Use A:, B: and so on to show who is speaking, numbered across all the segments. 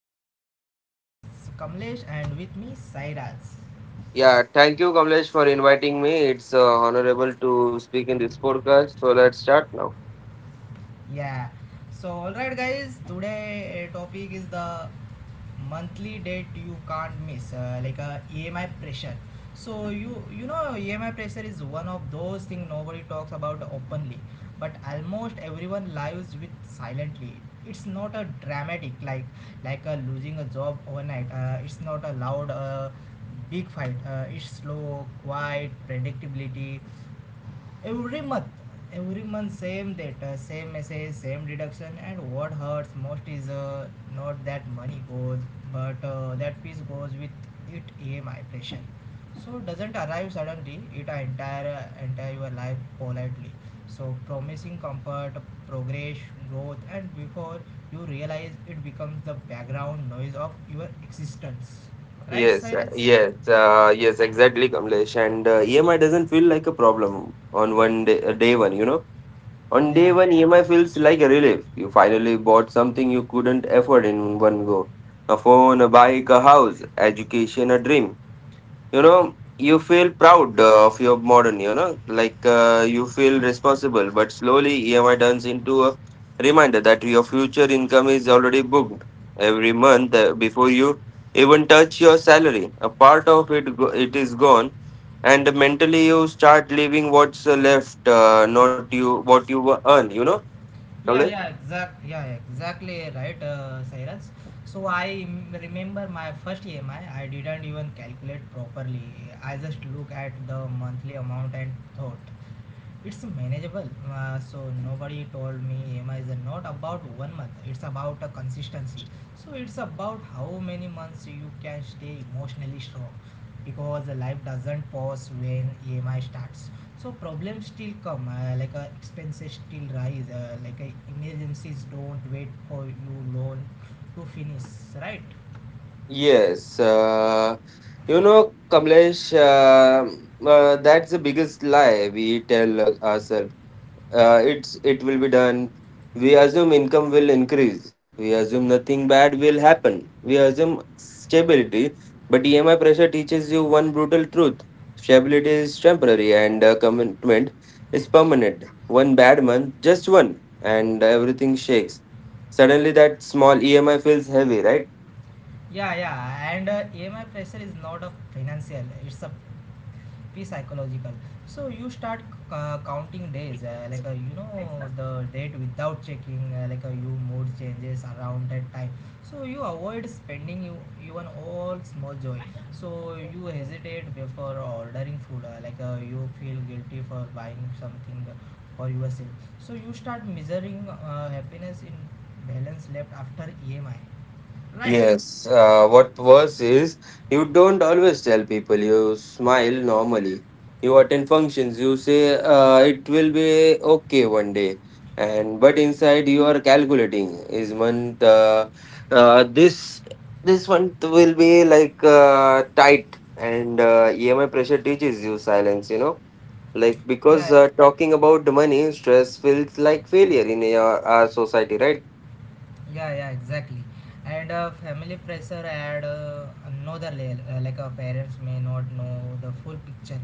A: our podcast. This is Kamlesh, and with me Sairaj.
B: Yeah, thank you, Kamlesh, for inviting me. It's honorable to speak in this podcast. So let's start now.
A: Yeah. So alright guys, today topic is the monthly debt you can't miss, like a emi pressure. So you know, emi pressure is one of those things nobody talks about openly, but almost everyone lives with silently. It's not a dramatic, like a losing a job overnight. It's not a loud, big fight. It's slow, quiet predictability every month. Every month same data, same message, same deduction. And what hurts most is, not that money goes, but that piece goes with it. Emi pressure so doesn't arrive suddenly, it entire your life politely, so promising comfort, progress, growth. And before you realize, it becomes the background noise of your existence, right,
B: Yes, uh,
A: Cyrus?
B: yes, uh, yes, exactly, Kamlesh. And EMI doesn't feel like a problem on one day, day one, you know. On day
A: Yeah.
B: one, EMI feels like a relief. You finally bought something you couldn't afford in one go. A phone, a bike, a house, education, a dream. You know, you feel proud of your modern, like you feel responsible, but slowly EMI turns into a reminder that your future income is already booked every month, before you even touch your salary a part of it is gone. And mentally you start living what's left, not you what you earn,
A: Yeah,
B: Kamlesh?
A: yeah, exact, yeah, exactly right, Sairaj. So remember my first EMI. I didn't even calculate properly. I just look at the monthly amount and thought, it's manageable. So nobody told me EMI is not about one month. It's about a consistency. So it's about how many months you can stay emotionally strong, because life doesn't pause when EMI starts. So problems still come, like expenses still rise, like emergencies don't wait for you loan to finish, right?
B: Yes, Kamlesh, uh, that's the biggest lie we tell ourselves. It will be done. We assume income will increase. We assume nothing bad will happen. We assume stability. But EMI pressure teaches you one brutal truth: stability is temporary, and commitment is permanent. One bad month, just one, and everything shakes. Suddenly, that small EMI feels heavy, right?
A: Yeah, and EMI pressure is not a financial, it's a be psychological. So you start counting days, like you know the date without checking, like you mood changes around that time. So you avoid spending, you even all small joy. So you hesitate before ordering food, like you feel guilty for buying something for yourself. So you start measuring happiness in balance left after emi, right?
B: Yes, what worse is, you don't always tell people, you smile normally. You attend functions, you say it will be okay one day, and but inside you are calculating is month uh, this this month will be like tight, and EMI pressure teaches you silence. You know, like because
A: Yeah.
B: talking about the money stress feels like failure in our society, right?
A: Yeah, exactly. And family pressure add another layer. Like our parents may not know the full picture,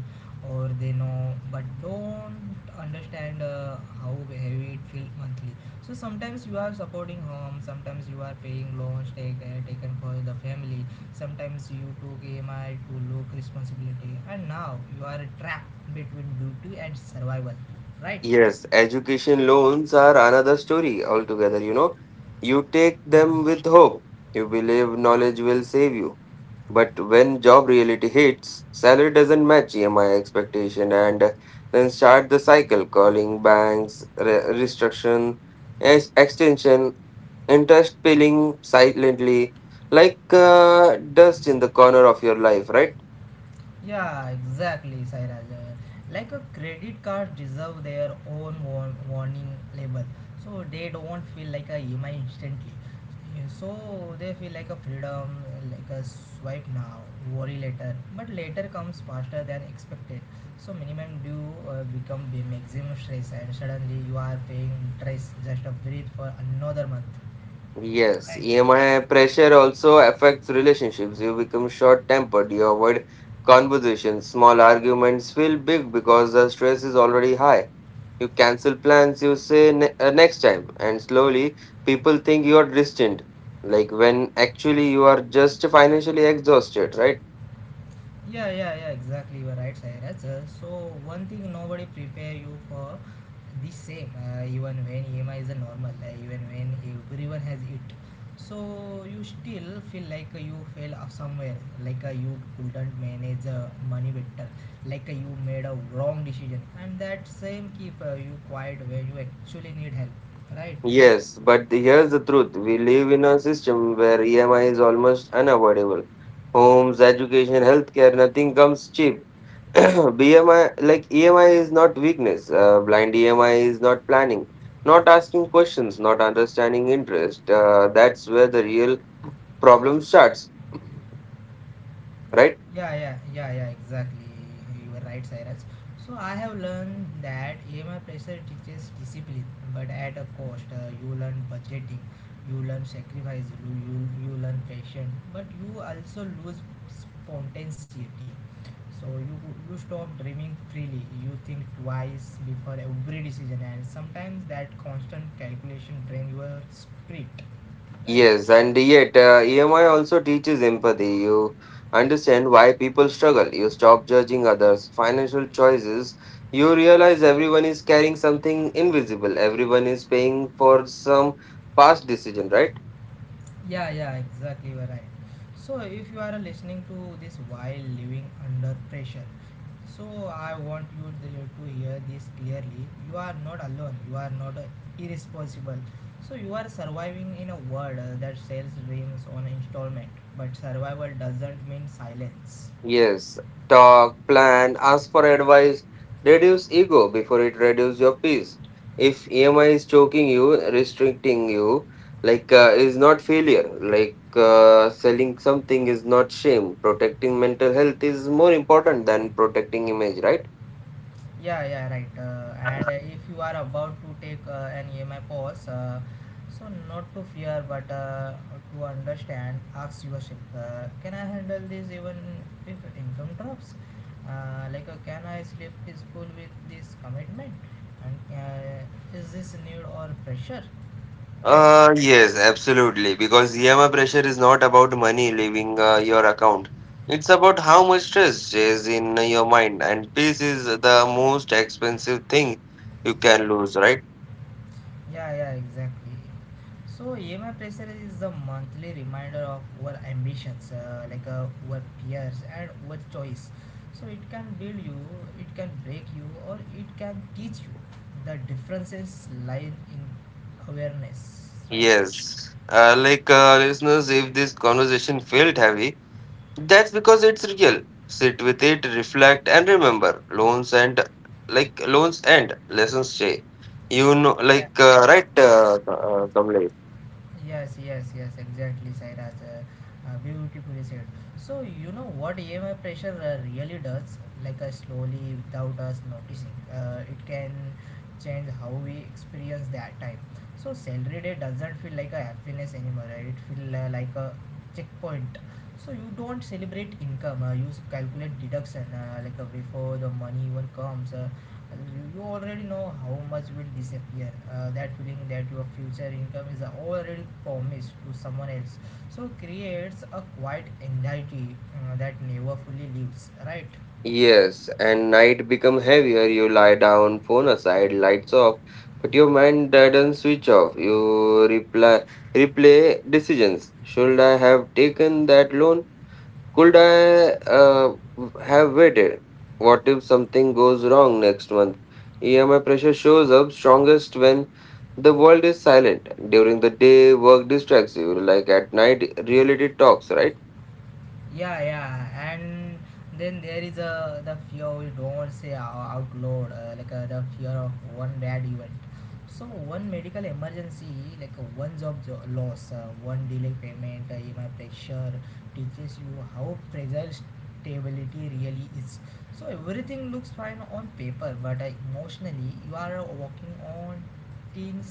A: or they know but don't understand how heavy it feels monthly. So sometimes you are supporting home, sometimes you are paying taken for the family, sometimes you took EMI to look responsibility, and now you are trapped between duty and survival, right?
B: Yes, education loans are another story altogether, you know. You take them with hope. You believe knowledge will save you. But when job reality hits, salary doesn't match EMI expectation, and then start the cycle: calling banks, restriction, extension, interest peeling silently like dust in the corner of your life, right?
A: Yeah, exactly, Sairaj. Like a credit card deserve their own warning label, so they don't feel like a EMI instantly. Yeah. So they feel like a freedom, like a swipe now, worry later. But later comes faster than expected. So minimum due become the maximum stress, and suddenly you are paying interest just a breathe for another month.
B: Yes,
A: Right.
B: EMI pressure also affects relationships. You become short tempered, you avoid conversations, small arguments feel big because the stress is already high. You cancel plans, you say next time, and slowly people think you are distant, like when actually you are just financially exhausted, right?
A: Yeah, exactly. You are right, Sairaj. So one thing nobody prepare you for the same, even when EMI is a normal, even when everyone has it. So you still feel like you fell off somewhere, like you couldn't manage money better, like you made a wrong decision, and that same keep you quiet when you actually need help, right?
B: Yes, but here's the truth. We live in a system where EMI is almost unavoidable. Homes, education, healthcare, nothing comes cheap. BMI, like EMI is not weakness. Blind EMI is not planning, not asking questions, not understanding interest. That's where the real problem starts, right?
A: Yeah, exactly. You were right, Cyrus. So I have learned that EMI pressure teaches discipline, but at a cost. You learn budgeting, you learn sacrifice, you learn patience, but you also lose spontaneity. So you stop dreaming freely. You think twice before every decision, and sometimes that constant calculation drain your spirit. Right.
B: Yes, and yet EMI also teaches empathy. You understand why people struggle. You stop judging others' financial choices. You realize everyone is carrying something invisible. Everyone is paying for some past decision, right?
A: Yeah, yeah, exactly. You're right. So, if you are listening to this while living under pressure, so I want to hear this clearly. You are not alone. You are not irresponsible. So, you are surviving in a world that sells dreams on installment, but survival doesn't mean silence.
B: Yes, talk, plan, ask for advice, reduce ego before it reduces your peace. If EMI is choking you, restricting you, like is not failure. Like selling something is not shame. Protecting mental health is more important than protecting image, right?
A: Yeah, right. And if you are about to take an EMI pause, so not to fear but to understand, ask yourself, can I handle this even if income drops? Like, can I sleep peaceful with this commitment? And is this need or pressure? Right?
B: Yes, absolutely. Because EMI pressure is not about money leaving your account. It's about how much stress is in your mind, and peace is the most expensive thing you can lose, right?
A: Yeah, exactly. So EMI pressure is the monthly reminder of our ambitions, like our peers and our choice. So it can build you, it can break you, or it can teach you. The differences lie in awareness, right?
B: Yes. Like listeners, if this conversation felt heavy, that's because it's real. Sit with it, reflect, and remember, loans and like loans and lessons stay. You know,
A: Yeah.
B: like right, Kamlesh?
A: Yes, exactly, Sairaj. Beautifully said. So, you know what EMI pressure really does, like slowly without us noticing, it can change how we experience that time. So, salary day doesn't feel like a happiness anymore, right? It feels like a checkpoint. So, you don't celebrate income, uh, calculate deduction, like before the money even comes. You already know how much will disappear, that feeling that your future income is already promised to someone else, so creates a quiet anxiety that never fully leaves, right?
B: Yes, and night become heavier. You lie down, phone aside, lights off, but your mind doesn't switch off. Replay decisions. Should I have taken that loan? Could I have waited? What if something goes wrong next month? EMI pressure shows up strongest when the world is silent. During the day, work distracts you. Like at night, reality talks, right?
A: Yeah, and then there is the fear we don't say out loud, like the fear of one bad event. So one medical emergency, like one loss, one delay payment. Emi pressure teaches you how fragile stability really is. So everything looks fine on paper, but emotionally you are walking on thin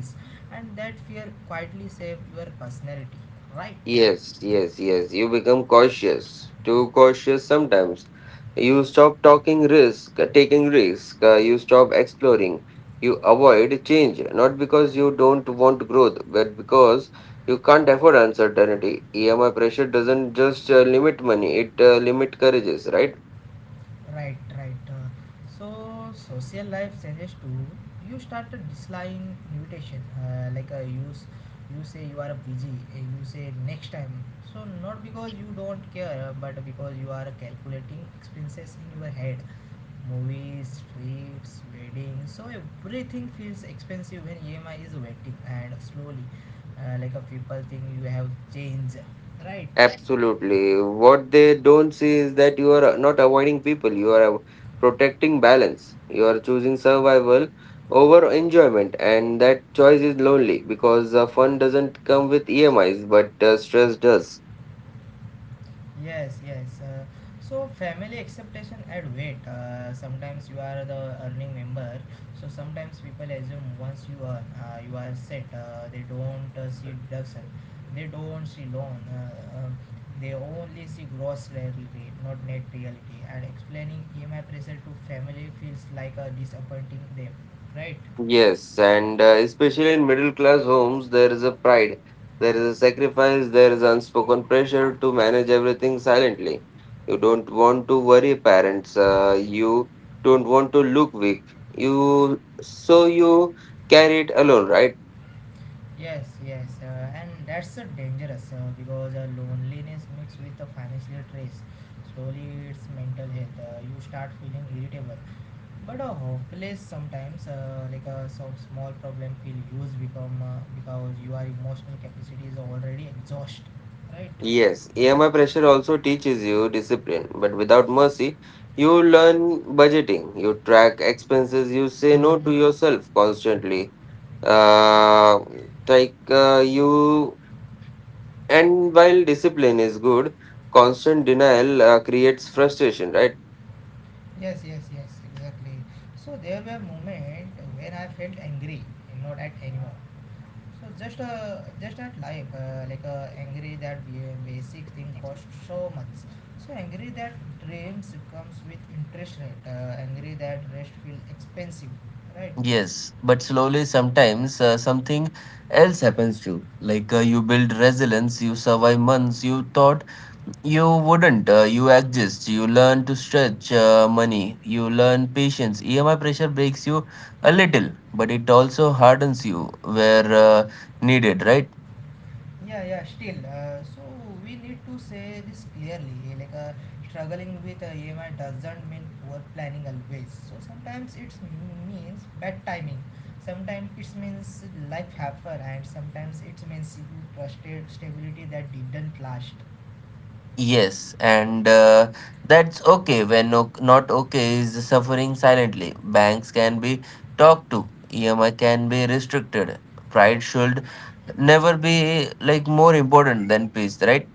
A: ice, and that fear quietly shapes your personality, right?
B: Yes. You become cautious, too cautious sometimes. You stop talking risk, taking risk. You stop exploring. You avoid change, not because you don't want growth, but because you can't afford uncertainty. EMI pressure doesn't just limit money; it limit courages, right?
A: Right, right. So social life changes too. You start to dislike invitation. Like uh, you say you are busy. You say next time. So not because you don't care, but because you are calculating expenses in your head. Movies, trips, weddings. So everything feels expensive when EMI is waiting and slowly. Like people think you have changed. Right.
B: Absolutely. What they don't see is that you are not avoiding people, you are protecting balance. You are choosing survival over enjoyment, and that choice is lonely because fun doesn't come with EMIs, but stress does.
A: Yes. So family acceptation add weight. Sometimes you are the earning member. So sometimes people assume once you earn, you are set. They don't see deduction. They don't see loan. They only see gross reality, not net reality. And explaining EMI pressure to family feels like disappointing them, right?
B: Yes, and especially in middle class homes, there is a pride, there is a sacrifice, there is unspoken pressure to manage everything silently. You don't want to worry parents, you don't want to look weak. You carry it alone, right?
A: Yes, and that's dangerous because loneliness mixed with the financial stress slowly it's mental health. You start feeling irritable, but hopeless sometimes. Like some small problem feel huge become because your emotional capacity is already exhausted, right?
B: Yes, EMI pressure also teaches you discipline, but without mercy, you learn budgeting, you track expenses, you say no to yourself constantly. Uh, like uh, you, and while discipline is good, constant denial creates frustration, right?
A: Yes, exactly. So there were moment when I felt angry, not at anyone, so just at life, like angry that basic thing costs so much. So angry that dreams comes with interest rate. Angry that rest feel expensive, right?
B: Yes, but slowly sometimes something else happens to you. Like you build resilience, you survive months you thought you wouldn't. You exist, you learn to stretch money, you learn patience. EMI pressure breaks you a little, but it also hardens you where needed, right?
A: Yeah, yeah. Still, so we need to say this clearly. Like struggling with EMI doesn't mean poor planning always. So sometimes it means bad timing. Sometimes it means life happen, and sometimes it means you trusted stability that didn't last.
B: Yes, and that's okay. When no, not okay is suffering silently. Banks can be talked to, EMI can be restricted. Pride should never be like more important than peace, right?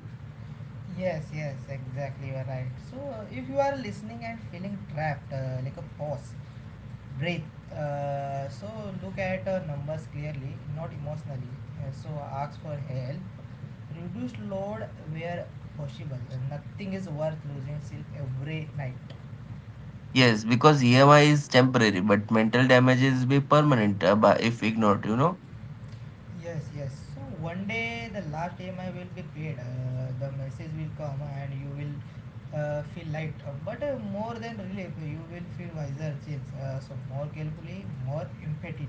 A: Yes, exactly. You are right. So, if you are listening and feeling trapped, like a pause, breathe. So, look at numbers clearly, not emotionally. So, ask for help. Reduce load where possible. Nothing is worth losing sleep every night.
B: Yes, because EMI is temporary, but mental damage is be permanent if ignored, you know.
A: Yes, yes. So one day the last EMI will be paid. The message will come, and you will feel light. But more than relief, you will feel wiser change. So more carefully, more empathy.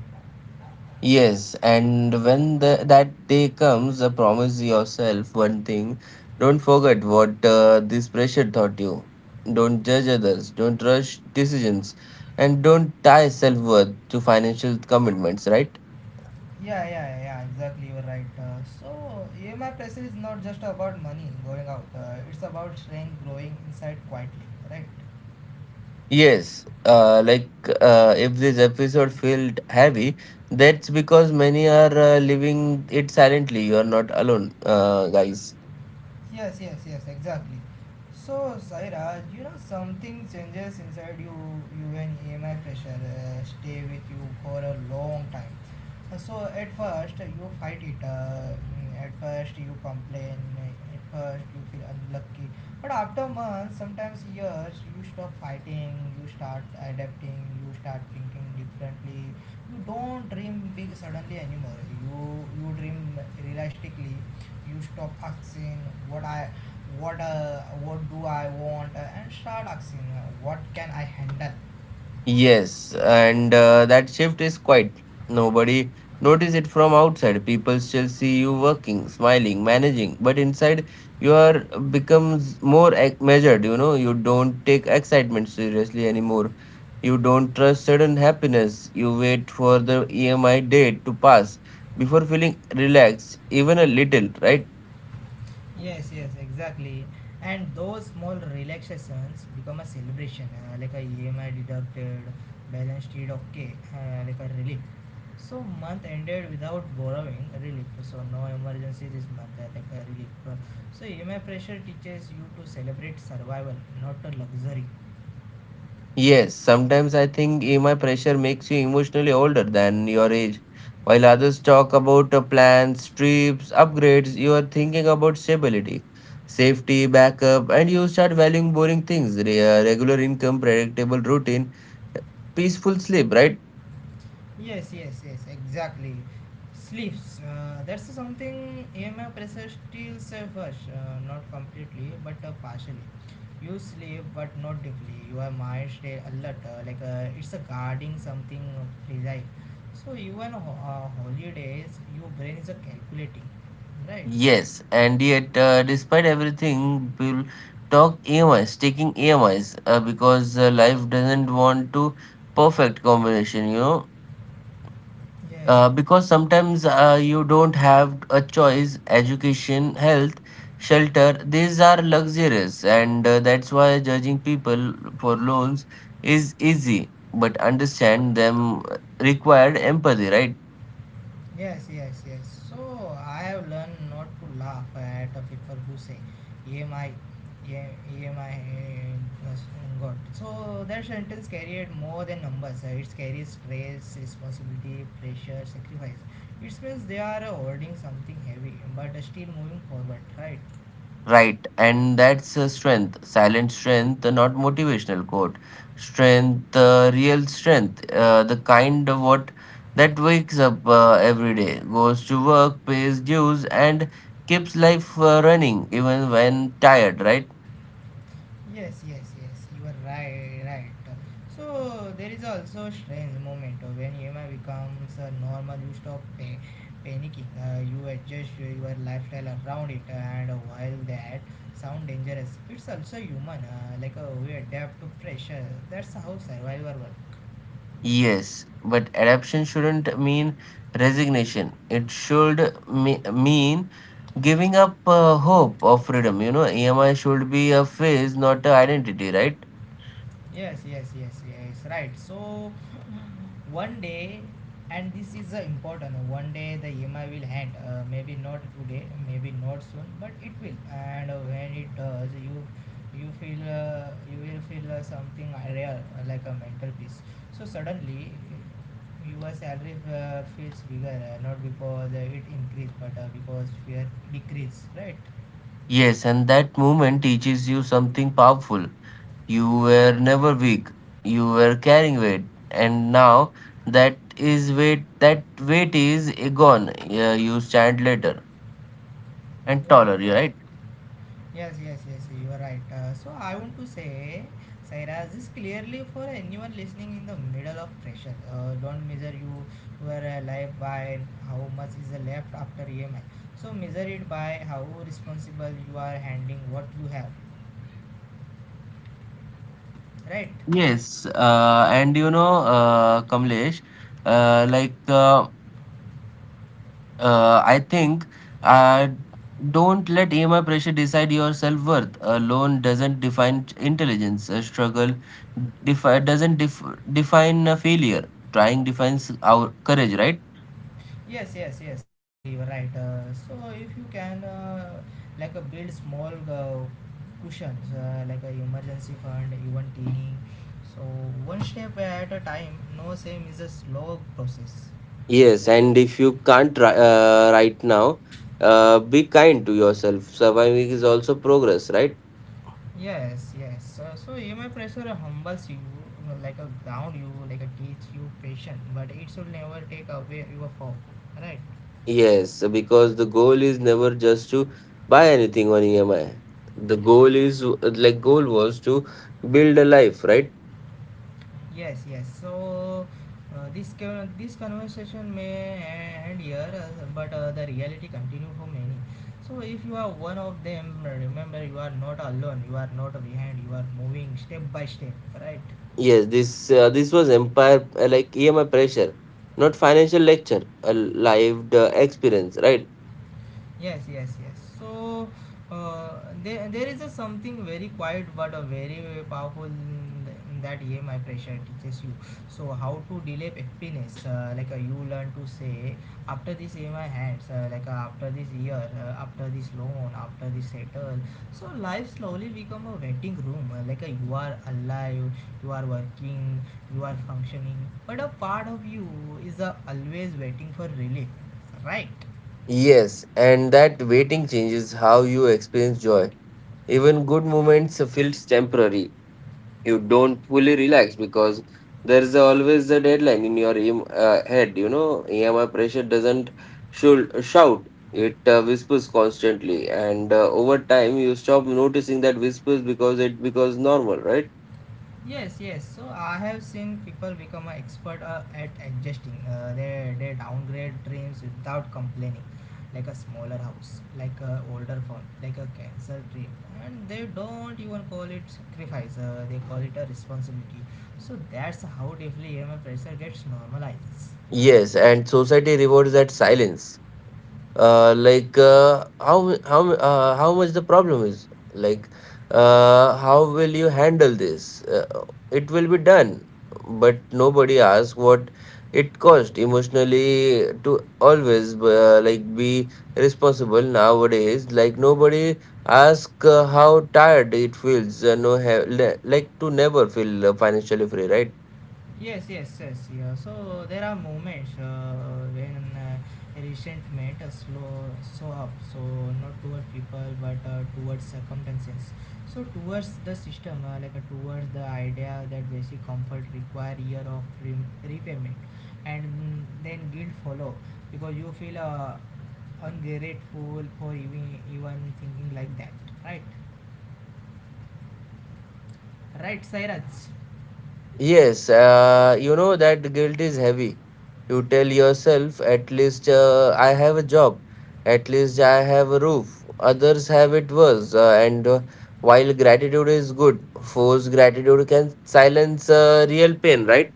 B: Yes, and when that day comes, promise yourself one thing. Don't forget what this pressure taught you. Don't judge others. Don't rush decisions. And don't tie self worth to financial commitments, right?
A: Yeah. Exactly, you are right. So EMI pressure is not just about money going out. It's about strength growing inside quietly. Right.
B: Yes, like if this episode felt heavy, that's because many are living it silently. You are not alone, guys.
A: Yes, exactly. So, Saira, you know something changes inside you, when EMI pressure stay with you for a long time. So at first you fight it. At first you complain. At first you feel unlucky. But after months, sometimes years, you stop fighting. You start adapting. You start thinking differently. You don't dream big suddenly anymore. You dream realistically. You stop asking what i what uh, what do I want, and start asking what can I handle.
B: Yes, and that shift is quiet. Nobody notice it from outside. People still see you working, smiling, managing, but inside you are becomes more measured. You know, you don't take excitement seriously anymore. You don't trust sudden happiness. You wait for the EMI date to pass before feeling relaxed, even a little, right?
A: Yes, exactly. And those small relaxations become a celebration, like a emi deducted balance sheet okay, like a relief. So month ended without borrowing relief. So no emergency this month. Like a relief. So EMI pressure teaches you to celebrate survival, not a luxury.
B: Yes, sometimes I think EMI pressure makes you emotionally older than your age. While others talk about plans, trips, upgrades, you are thinking about stability, safety, backup, and you start valuing boring things, regular income, predictable routine, uh, peaceful sleep, right?
A: Yes, exactly. Sleeps. That's something EMI pressure still suffers, not completely, but partially. You sleep, but not deeply. Your mind stay alert, like it's guarding something fragile. So even holidays, your brain is calculating, right?
B: Yes, and yet, despite everything, people talk EMIs, taking EMIs, because life doesn't want to perfect combination, you know.
A: Yeah, yeah.
B: Uh, because sometimes you don't have a choice: education, health, shelter, these are luxurious, and that's why judging people for loans is easy, but understand them required empathy, right?
A: Yes. So I have learned not to laugh at the people who say, "Ye my, ye, ye my uh, God." So that sentence carried more than numbers. It carries stress, responsibility, pressure, sacrifice. It means they are holding something heavy, but still moving forward, right?
B: Right, and that's a strength, silent strength, not motivational quote. Strength, real strength, the kind of what that wakes up every day, goes to work, pays dues, and keeps life running even when tired, right?
A: Yes. You are right, right. So there is also a strange moment when EMI becomes a normal. You stop panicking. You adjust your lifestyle around it, and while that sound dangerous, it's also human. We adapt to pressure. That's how survival works.
B: Yes, but adaptation shouldn't mean resignation. It should mean giving up hope of freedom. You know, EMI should be a phase, not an identity, right?
A: Yes, yes, yes, yes. Right. So one day, and this is the important one day, the emi will hand, maybe not today, maybe not soon, but it will. And when it does, you feel you will feel something rare, like a mental peace. So suddenly your salary feels bigger, not because it increased, but because fear decrease, right?
B: Yes, and that movement teaches you something powerful. You were never weak. You were carrying weight, and now that is weight. That weight is gone. Yeah, you stand later and
A: Yes,
B: taller. You're
A: yes.
B: right.
A: Yes, yes, yes, you are right. So I want to say, Saira, this clearly for anyone listening in the middle of pressure. Don't measure you were alive by how much is left after EMI. So measure it by how responsible you are handling what you have, right?
B: Yes, and you know, Kamlesh, uh, like uh, I think uh, don't let EMI pressure decide your self worth. A loan doesn't define intelligence. A struggle doesn't define a failure. Trying defines our courage, right?
A: Yes, yes, yes, exactly. You're right. So if you can, build small cushions, like a emergency fund, even teeny. So one step at a time. No same is a slow process.
B: Yes, and if you can't right now, be kind to yourself. Surviving is also progress, right?
A: Yes, yes. So EMI pressure humbles you, like a ground you, like a teach you patience, but it should never take away your hope, right?
B: Yes, because the goal is never just to buy anything on EMI. The goal is goal was to build a life, right?
A: Yes, yes. So this this conversation may end here, but the reality continue for many. So if you are one of them, remember you are not alone. You are not behind. You are moving step by step, right?
B: Yes, this was empire like EMI pressure, not financial lecture, a lived experience, right?
A: Yes, yes, yes. So there is a something very quiet but a very, very powerful in, in that EMI pressure teaches you. So how to delay happiness, you learn to say after this EMI hands, after this year, after this loan, after this settle. So life slowly become a waiting room. You are alive, you are working, you are functioning, but a part of you is always waiting for relief, right?
B: Yes, and that waiting changes how you experience joy. Even good moments feels temporary. You don't fully relax because there's always a deadline in your head. You know, EMI pressure doesn't should shout. It whispers constantly, and over time you stop noticing that whispers because it becomes normal, right?
A: Yes, yes. So I have seen people become an expert at adjusting. They downgrade dreams without complaining, like a smaller house, like a older phone, like a cancer dream, and they don't even call it sacrifice. They call it a responsibility. So that's how deeply EMI pressure gets normalized. Alright.
B: Yes, and society rewards that silence. Like how much the problem is. Like how will you handle this? It will be done, but nobody asks what it cost emotionally to always like be responsible nowadays. Like nobody asks how tired it feels. Like to never feel financially free, right?
A: Yes, yes, yes. Yeah. So there are moments when resentment slow so up. So not toward people, but towards circumstances. So towards the system, towards the idea that basic comfort require year of repayment, and then guilt follow because you feel ungrateful for even thinking like that. Right, right, Cyrus.
B: Yes, you know that guilt is heavy. You tell yourself, at least I have a job, at least I have a roof. Others have it worse. And while gratitude is good, forced gratitude can silence real pain, right?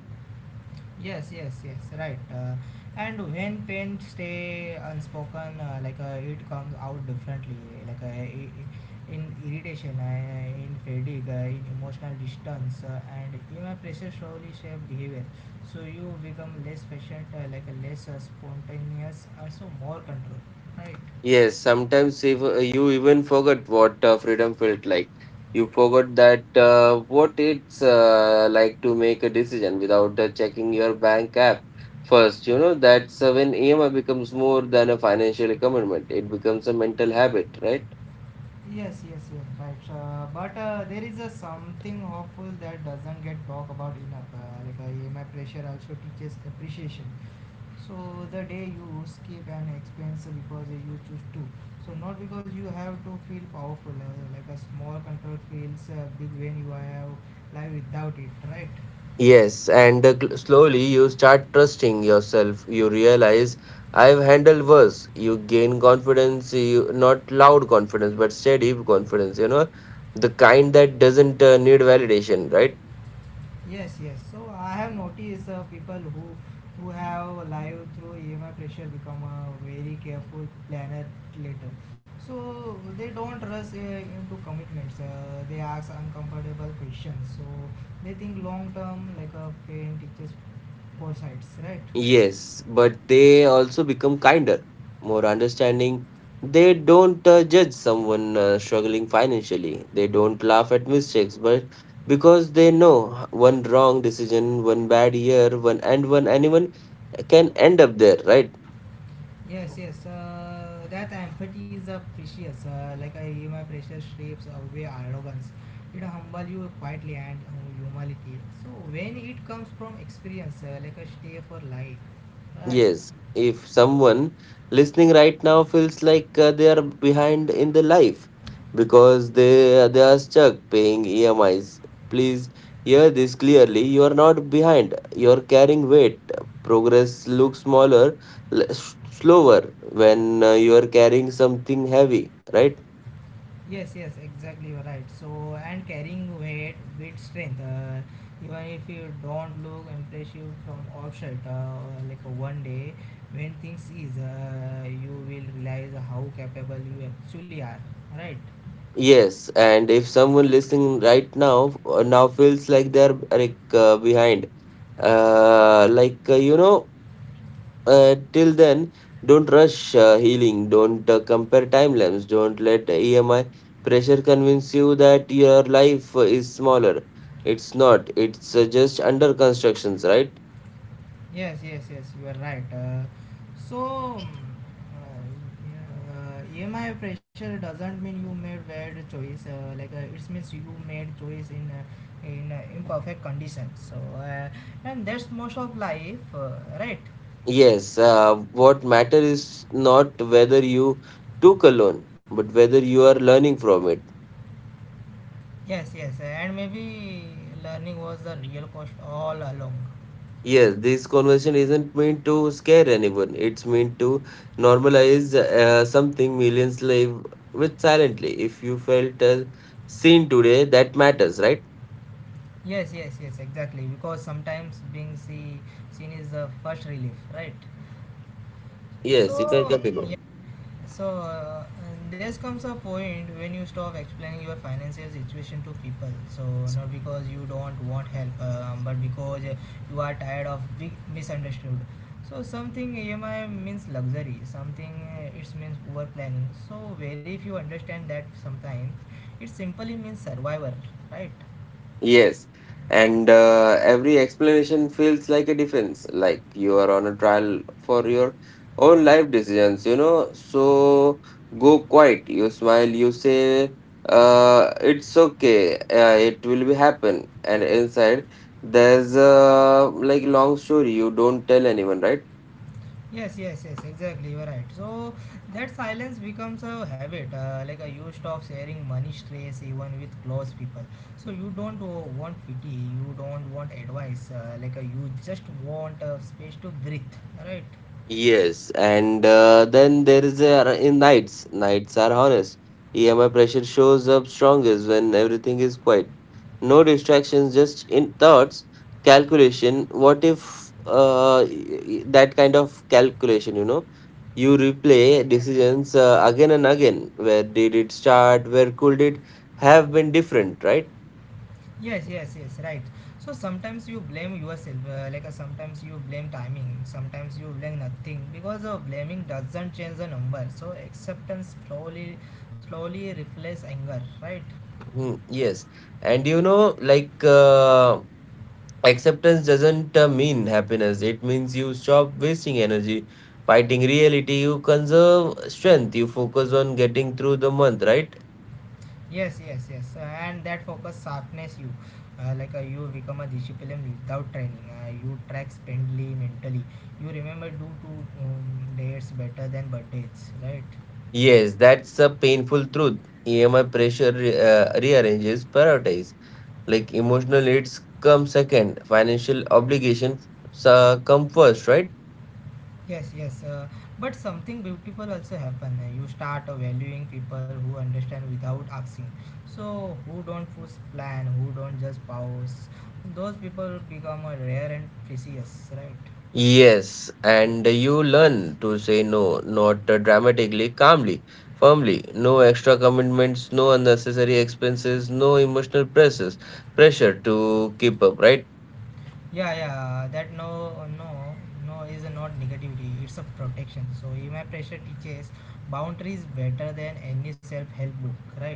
A: Yes, yes, yes, right. And when pain stay unspoken, it comes out differently, like in irritation, in fatigue, in emotional distance, and even pressure slowly shape behavior. So you become less patient, less spontaneous, also more control, right?
B: Yes, sometimes if, you even forget what freedom felt like. You forgot that what it's like to make a decision without checking your bank app first. You know, that's when EMI becomes more than a financial commitment. It becomes a mental habit, right?
A: Yes, yes, yes, right. But there is a something hopeful that doesn't get talked about enough. EMI pressure also teaches appreciation. So the day you skip an expense because you choose to. So not because you have to feel powerful. Like a small control feels big when you have life without it, right?
B: Yes, and slowly you start trusting yourself. You realize I've handled worse. You gain confidence, you not loud confidence, but steady confidence, you know, the kind that doesn't need validation, right?
A: Yes, yes. So I have noticed people who have live through EMI pressure become a very careful planner later. So they don't rush into commitments. They ask uncomfortable questions. So they think long term, like a pain teaches foresights, right?
B: Yes, but they also become kinder, more understanding. They don't judge someone struggling financially. They don't laugh at mistakes, but because they know one wrong decision, one bad year, one and one anyone can end up there, right?
A: Yes, yes. That empathy is a precious. Like my precious strips away arrogance. It humble you quietly and humility. So when it comes from experience, like a stay for life, right?
B: Yes, if someone listening right now feels like they are behind in the life because they are stuck paying EMIs, please hear this clearly. You are not behind. You are carrying weight. Progress looks smaller, slower when you are carrying something heavy, right?
A: Yes, yes, exactly, you're right. So and carrying weight with strength, even if you don't look impressive from outside, like one day when things is, you will realize how capable you actually are, right?
B: Yes, and if someone listening right now feels like they are like behind, like till then don't rush healing, don't compare timelines, don't let EMI pressure convince you that your life is smaller. It's not, it's just under constructions, right?
A: Yes, yes, yes, you are right. EMI pressure doesn't mean you made bad choice. It means you made choice in imperfect conditions. And that's most of life, right?
B: Yes, what matter is not whether you took a loan, but whether you are learning from it.
A: Yes, yes, and maybe learning was the real cost all along.
B: Yes, this conversation isn't meant to scare anyone. It's meant to normalize something millions live with silently. If you felt seen today, that matters, right?
A: Yes, yes, yes, exactly. Because sometimes being seen is the first relief, right?
B: Yes, you can
A: So
B: continue.
A: So there comes a point when you stop explaining your financial situation to people. So, not because you don't want help, but because you are tired of being misunderstood. So, something EMI means luxury, something it means poor planning. So, very few understand that sometimes it simply means survival, right?
B: Yes, and every explanation feels like a defense, like you are on a trial for your own life decisions. So go quiet, you smile, you say, it's okay, it will be happen. And inside, there's a like long story you don't tell anyone, right?
A: Yes, yes, yes, exactly. You are right. So that silence becomes a habit. You stop sharing money stress even with close people. So you don't want pity. You don't want advice. You just want space to breathe. Right?
B: Yes, and then there is a, in nights. Nights are honest. EMI pressure shows up strongest when everything is quiet. No distractions, just in thoughts, calculation. What if that kind of calculation, you know? You
A: Yeah,
B: replay
A: yeah.
B: decisions again and again. Where did it start? Where could it have been different, right?
A: Yes, yes, yes. Right. So sometimes you blame yourself. Sometimes you blame timing. Sometimes you blame nothing because blaming doesn't change the number. So acceptance slowly reflects anger. Right?
B: Hmm, yes. And like. Acceptance doesn't mean happiness. It means you stop wasting energy fighting reality. You conserve strength. You focus on getting through the month, right?
A: Yes, yes, yes, and that focus sharpness you, you become a discipline without training. You track spendly mentally. You remember do two dates better than birthdays, right?
B: Yes, that's a painful truth. EMI pressure rearranges priorities. Like emotional needs come second, financial obligations come first, right?
A: Yes, yes, but something beautiful also happen. You start valuing people who understand without asking. So who don't push plan, who don't just pause. Those people become rare and precious, right?
B: Yes, and you learn to say no, not dramatically, calmly, firmly. No extra commitments, no unnecessary expenses, no emotional pressure to keep up, right?
A: Yeah, yeah, that no, no, no is not negativity. It's a protection. So EMI pressure teaches boundaries better than any self-help book, right?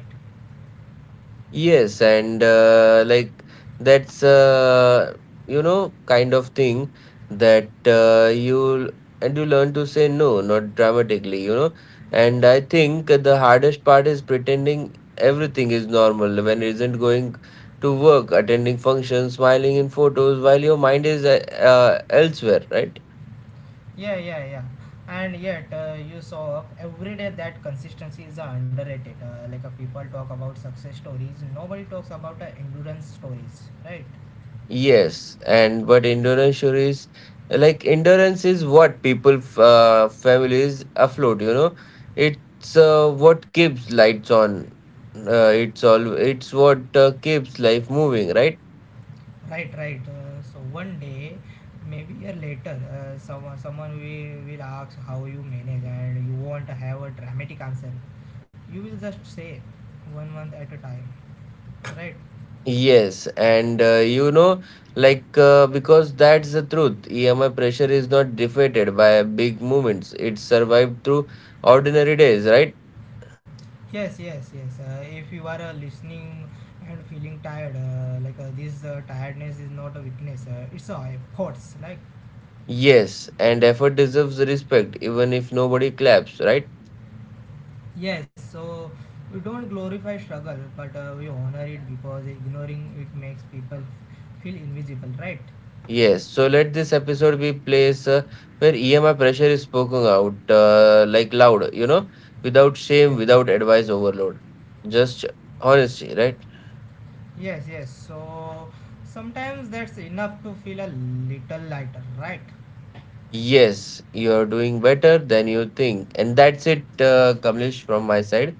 B: Yes, and like that's kind of thing that you, and you learn to say no, not dramatically. And I think the hardest part is pretending everything is normal when it isn't going to work, attending functions, smiling in photos while your mind is elsewhere, right?
A: Yeah, yeah, yeah. And yet, you saw every day that consistency is underrated. People talk about success stories, nobody talks about endurance stories, right?
B: Yes, and but endurance sure is, like, endurance is what people, families afloat. You know, it's what keeps lights on. It's all. It's what keeps life moving, right?
A: Right, right. So one day, maybe a later, someone will ask how you manage, and you won't have a dramatic answer. You will just say one month at a time, right?
B: Yes, and like because that's the truth. EMI pressure is not defeated by big movements. It survived through ordinary days, right?
A: Yes, yes, yes. If you are listening and feeling tired, this tiredness is not a weakness. It's a efforts. Like
B: Yes, and effort deserves respect, even if nobody claps, right?
A: yes, so we don't glorify struggle, but we honor it because ignoring it makes people feel invisible, right?
B: Yes, so let this episode be place where EMI pressure is spoken out like loud, without shame,
A: Yeah.
B: without advice overload. Just honesty, right?
A: Yes, yes. So sometimes that's enough to feel a little lighter, right?
B: Yes, you are doing better than you think. And that's it, Kamlesh, from my side.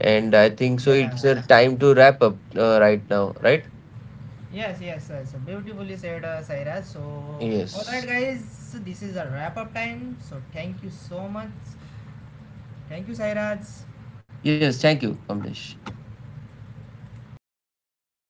B: And I think so
A: Yeah.
B: it's a time to wrap up right now, right?
A: Yes, yes, yes. Beautifully said, Saira. So, all right,
B: Yes.
A: guys. So, this is a wrap up time. So, thank you so much. Thank you, Sairaj.
B: Yes, thank you, Kamlesh.